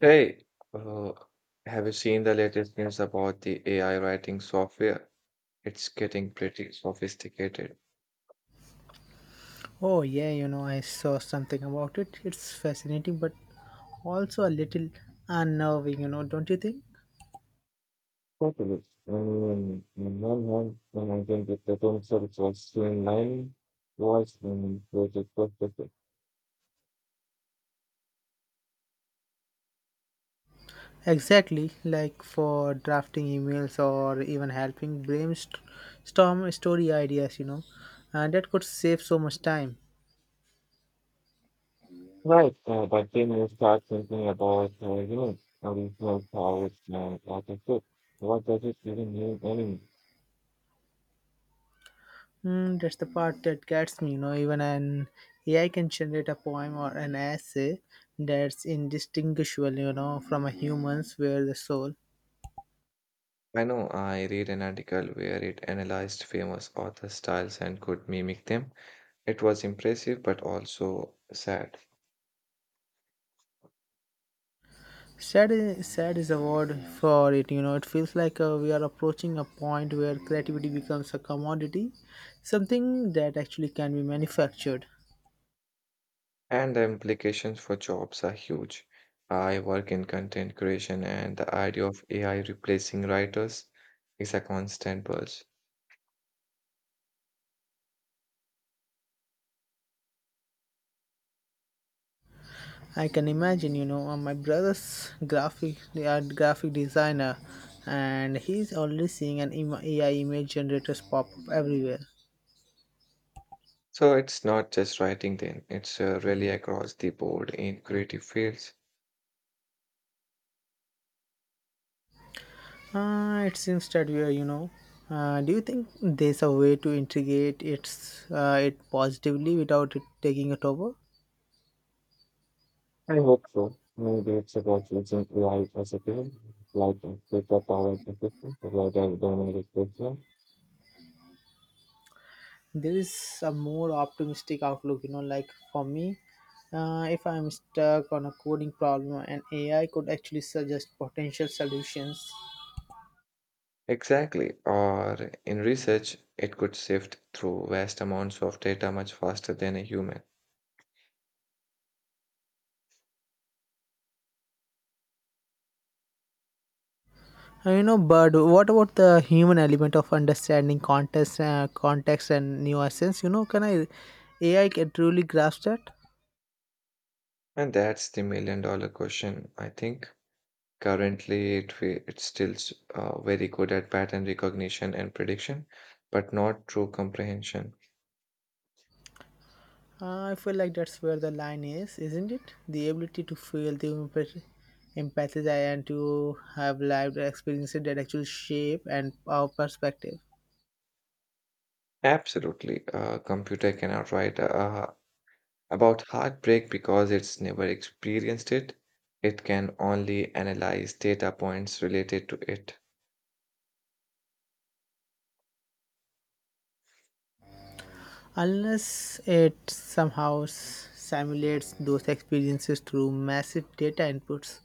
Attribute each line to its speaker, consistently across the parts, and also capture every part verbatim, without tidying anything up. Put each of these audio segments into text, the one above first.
Speaker 1: Hey, uh, have you seen the latest news about the A I writing software? It's getting pretty sophisticated.
Speaker 2: Oh, yeah, you know, I saw something about it. It's fascinating, but also a little unnerving, you know, don't you think?
Speaker 1: Totally. Um, on one hand, when I think the term service was streamlining voice and project perspective.
Speaker 2: Exactly, like for drafting emails or even helping brainstorm story ideas, you know, and that could save so much time.
Speaker 1: Right. Uh, but then you start thinking about, uh, you know, how these powers and artificial. What does it even mean anymore?
Speaker 2: Mm, that's the part that gets me, you know, even an A I can generate a poem or an essay that's indistinguishable, you know, from a human's, where the soul.
Speaker 1: I know I read an article where it analyzed famous author styles and could mimic them. It was impressive but also sad.
Speaker 2: Sad is, sad is a word for it. You know, it feels like uh, we are approaching a point where creativity becomes a commodity, something that actually can be manufactured.
Speaker 1: And the implications for jobs are huge. I work in content creation, and the idea of A I replacing writers is a constant buzz.
Speaker 2: I can imagine, you know, uh, my brother's graphic they are graphic designer, and he's already seeing an im- A I image generators pop up everywhere.
Speaker 1: So it's not just writing, then, it's uh, really across the board in creative fields.
Speaker 2: Uh, it seems that we are, you know. Uh, do you think there's a way to integrate its uh, it positively without it taking it over?
Speaker 1: I hope so. Maybe it's about using A I as a tool, like a superpower to system rather than a restriction.
Speaker 2: There is a more optimistic outlook, you know, like for me, uh, if I'm stuck on a coding problem, an A I could actually suggest potential solutions.
Speaker 1: Exactly. Or in research, it could sift through vast amounts of data much faster than a human.
Speaker 2: Uh, You know, but what about the human element of understanding context, uh, context and nuances? You know, can I A I can truly grasp that?
Speaker 1: And that's the million dollar question, I think. Currently, it, fe- it's still s- uh, very good at pattern recognition and prediction, but not true comprehension.
Speaker 2: Uh, I feel like that's where the line is, isn't it? The ability to feel the empath- empathize and to have lived experiences that actually shape and our perspective.
Speaker 1: Absolutely. A computer cannot write uh, about heartbreak because it's never experienced it. It can only analyze data points related to it.
Speaker 2: Unless it somehow s- simulates those experiences through massive data inputs,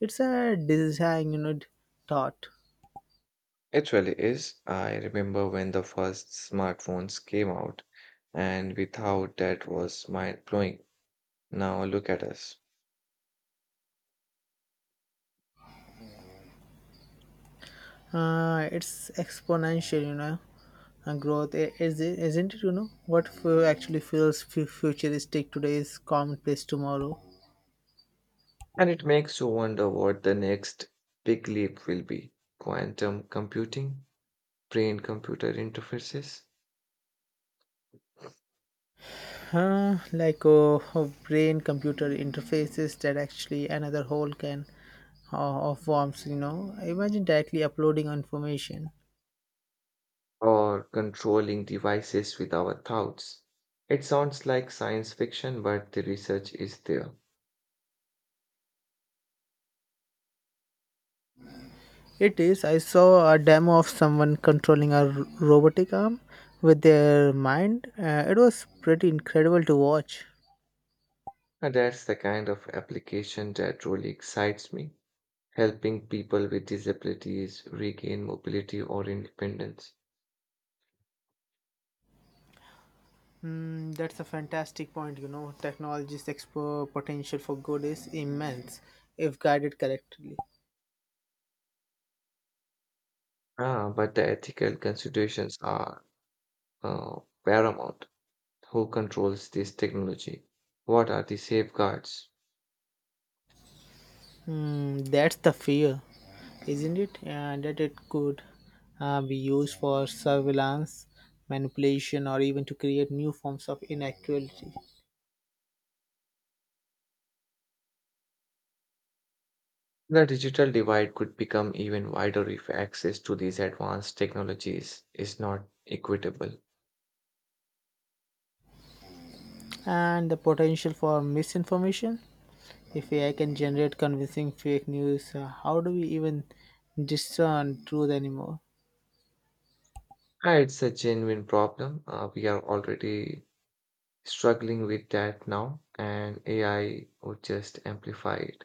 Speaker 2: it's a design, you know, thought.
Speaker 1: It really is. I remember when the first smartphones came out, and without that was mind blowing. Now look at us.
Speaker 2: Uh, it's exponential, you know, uh, growth. I- is it- isn't it, you know, what f- actually feels fu- futuristic today is commonplace tomorrow.
Speaker 1: And it makes you wonder what the next big leap will be. Quantum computing, brain computer interfaces,
Speaker 2: Huh, like uh, brain computer interfaces, that actually another whole can uh, of worms, you know. Imagine directly uploading information.
Speaker 1: or controlling devices with our thoughts. It sounds like science fiction, but the research is there.
Speaker 2: It is. I saw a demo of someone controlling a r- robotic arm with their mind. Uh, it was pretty incredible to watch.
Speaker 1: And that's the kind of application that really excites me, helping people with disabilities regain mobility or independence.
Speaker 2: Mm, that's a fantastic point. You know, technology's expo potential for good is immense if guided correctly.
Speaker 1: Ah, but the ethical considerations are uh, paramount. Who controls this technology? What are the safeguards?
Speaker 2: Mm, that's the fear, isn't it? Uh, that it could uh, be used for surveillance, manipulation, or even to create new forms of inequality.
Speaker 1: The digital divide could become even wider if access to these advanced technologies is not equitable.
Speaker 2: And the potential for misinformation. If A I can generate convincing fake news, uh, how do we even discern truth anymore?
Speaker 1: Ah, it's a genuine problem. Uh, we are already struggling with that now, and A I would just amplify it.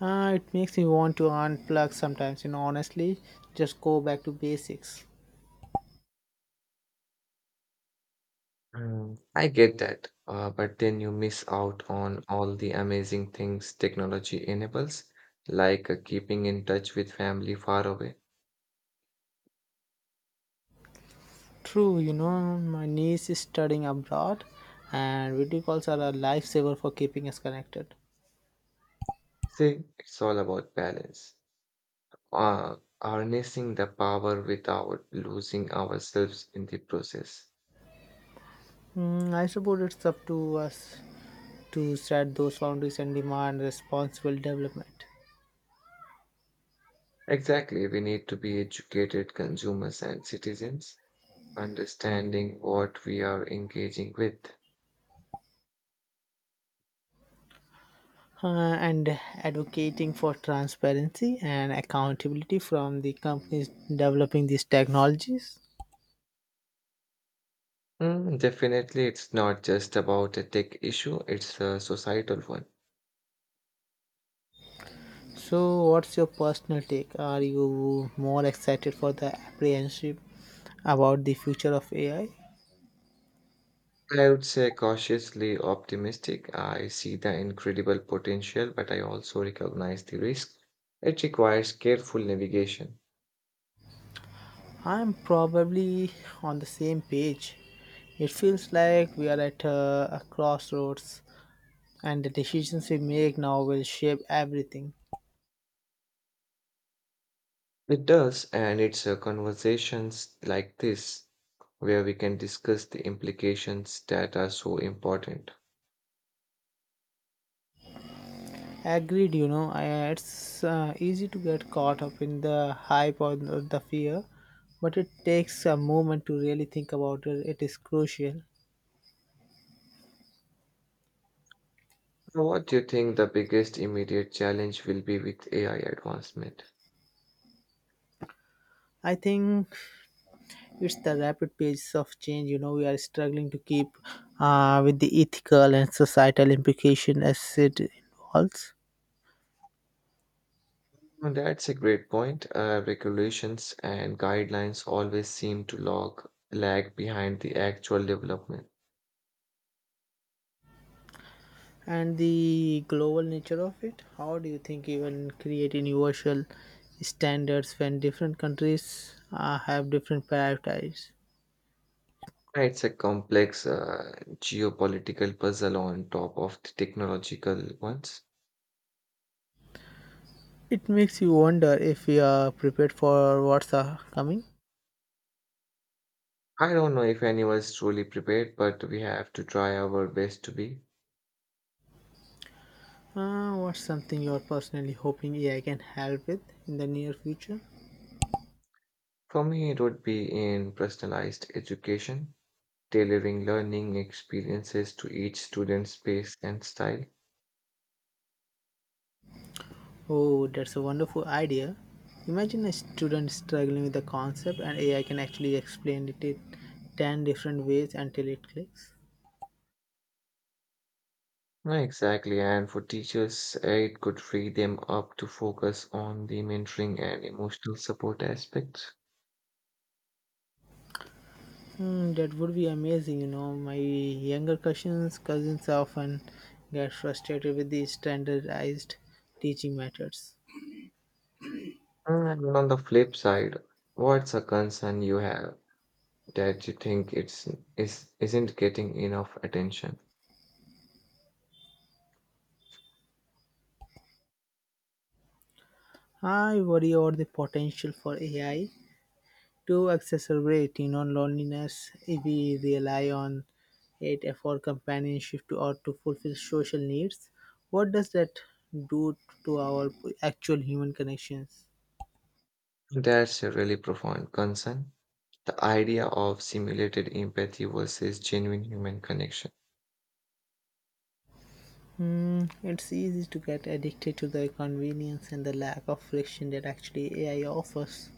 Speaker 2: Uh, it makes me want to unplug sometimes, you know, honestly, just go back to basics.
Speaker 1: Mm, I get that, uh, but then you miss out on all the amazing things technology enables, like uh, keeping in touch with family far away.
Speaker 2: True, you know, my niece is studying abroad, and video calls are a lifesaver for keeping us connected.
Speaker 1: See, it's all about balance, uh, harnessing the power without losing ourselves in the process.
Speaker 2: Mm, I suppose it's up to us to set those boundaries and demand responsible development.
Speaker 1: Exactly, we need to be educated consumers and citizens, understanding what we are engaging with.
Speaker 2: Uh, and advocating for transparency and accountability from the companies developing these technologies.
Speaker 1: Mm, definitely, it's not just about a tech issue, it's a societal one.
Speaker 2: So, what's your personal take? Are you more excited for the apprehensive about the future of A I?
Speaker 1: I would say cautiously optimistic. I see the incredible potential, but I also recognize the risk. It requires careful navigation.
Speaker 2: I'm probably on the same page. It feels like we are at a, a crossroads, and the decisions we make now will shape everything.
Speaker 1: It does, and it's uh, conversations like this where we can discuss the implications that are so important.
Speaker 2: Agreed, you know, I- it's uh, easy to get caught up in the hype or the the fear, but it takes a moment to really think about it. It is crucial.
Speaker 1: So what do you think the biggest immediate challenge will be with A I advancement?
Speaker 2: I think it's the rapid pace of change, you know, we are struggling to keep uh, with the ethical and societal implication as it involves.
Speaker 1: Well, that's a great point. Uh, regulations and guidelines always seem to log lag behind the actual development.
Speaker 2: And the global nature of it. How do you think even create universal standards when different countries uh, have different priorities?
Speaker 1: Yeah, it's a complex uh, geopolitical puzzle on top of the technological ones.
Speaker 2: It makes you wonder if we are prepared for what's uh, coming.
Speaker 1: I don't know if anyone is truly prepared, but we have to try our best to be.
Speaker 2: Uh, what's something you're personally hoping A I can help with in the near future?
Speaker 1: For me, it would be in personalized education, tailoring learning experiences to each student's pace and style.
Speaker 2: Oh, that's a wonderful idea. Imagine a student struggling with a concept and A I can actually explain it in ten different ways until it clicks.
Speaker 1: Right, exactly. And for teachers, it could free them up to focus on the mentoring and emotional support aspects.
Speaker 2: Hmm, that would be amazing, you know. My younger cousins, cousins often get frustrated with the standardized teaching methods.
Speaker 1: And on the flip side, what's a concern you have that you think it's is isn't getting enough attention?
Speaker 2: I worry about the potential for A I to exacerbate, you know, loneliness, if we rely on it for companionship to, or to fulfill social needs. What does that do to our actual human connections?
Speaker 1: That's a really profound concern. The idea of simulated empathy versus genuine human connection.
Speaker 2: Hmm, it's easy to get addicted to the convenience and the lack of friction that actually A I offers.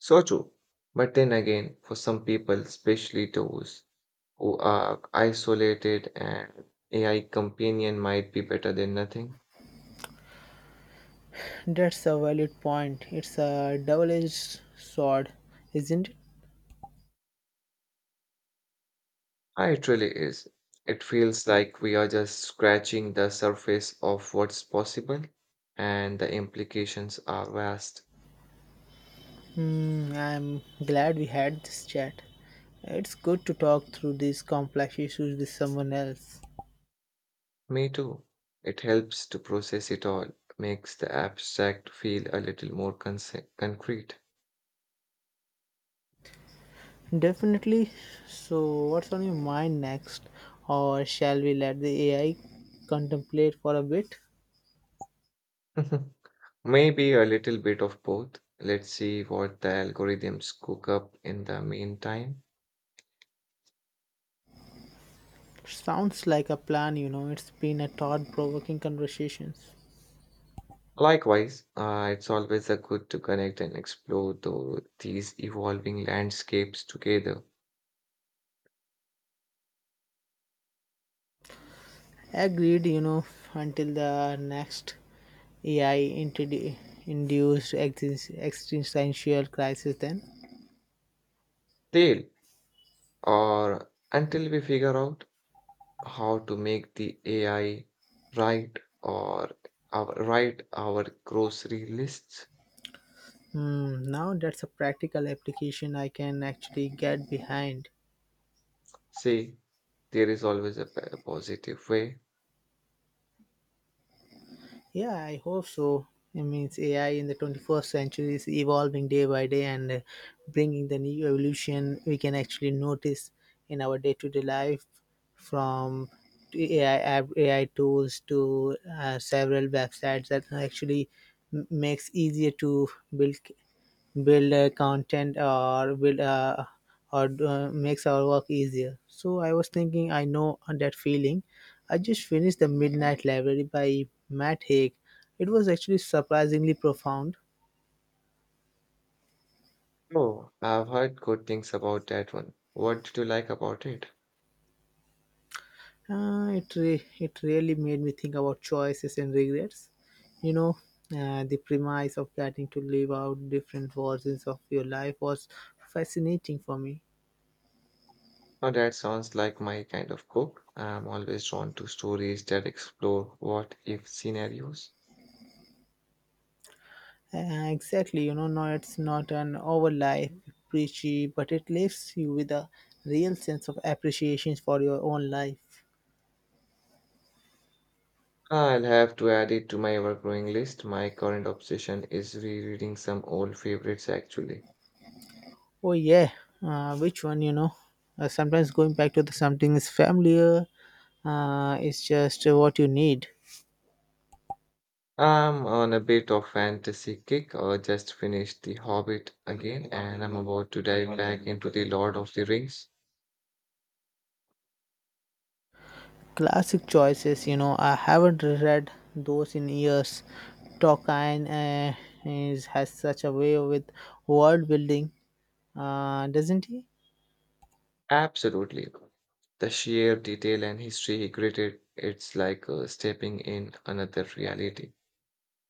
Speaker 1: So true. But then again, for some people, especially those who are isolated an A I companion might be better than nothing.
Speaker 2: That's a valid point. It's a double edged sword, isn't it?
Speaker 1: Ah, it really is. It feels like we are just scratching the surface of what's possible, and the implications are vast.
Speaker 2: Hmm, I'm glad we had this chat. It's good to talk through these complex issues with someone else.
Speaker 1: Me too. It helps to process it all, makes the abstract feel a little more conce- concrete.
Speaker 2: Definitely. So, what's on your mind next? Or shall we let the A I contemplate for a bit?
Speaker 1: Maybe a little bit of both. Let's see what the algorithms cook up in the meantime.
Speaker 2: Sounds like a plan, you know. It's been a thought provoking conversation.
Speaker 1: Likewise, uh, it's always a good to connect and explore tho- these evolving landscapes together.
Speaker 2: Agreed, you know, until the next A I introdu- induced exist- existential crisis, then.
Speaker 1: Till or until we figure out how to make the A I right or our, write our grocery lists.
Speaker 2: Hmm, now that's a practical application I can actually get behind.
Speaker 1: See, there is always a p- a positive way.
Speaker 2: Yeah, I hope so. It means A I in the twenty-first century is evolving day by day, and uh, bringing the new evolution we can actually notice in our day to day life, from A I, app- A I tools to uh, several websites that actually m- makes easier to build build uh, content, or build uh, or uh, makes our work easier. So I was thinking, I know that feeling. I just finished The Midnight Library by Matt Haig. It was actually surprisingly profound.
Speaker 1: Oh, I've heard good things about that one. What did you like about it?
Speaker 2: Uh, it re- it really made me think about choices and regrets, you know. Uh, the premise of getting to live out different versions of your life was fascinating for me.
Speaker 1: Now that sounds like my kind of book. I'm always drawn to stories that explore what if scenarios.
Speaker 2: Uh, exactly, you know, no, it's not an overlife preachy, but it leaves you with a real sense of appreciation for your own life.
Speaker 1: I'll have to add it to my ever-growing list. My current obsession is rereading some old favorites actually.
Speaker 2: Oh yeah, uh, which one? You know, uh, sometimes going back to the something is familiar. Uh, it's just uh, what you need.
Speaker 1: I'm on a bit of fantasy kick. I just finished The Hobbit again, and I'm about to dive back into The Lord of the Rings.
Speaker 2: Classic choices. You know, I haven't read those in years. Tolkien, uh, is has such a way with world building, uh, doesn't he?
Speaker 1: Absolutely. The sheer detail and history he created, it's like uh, stepping in another reality.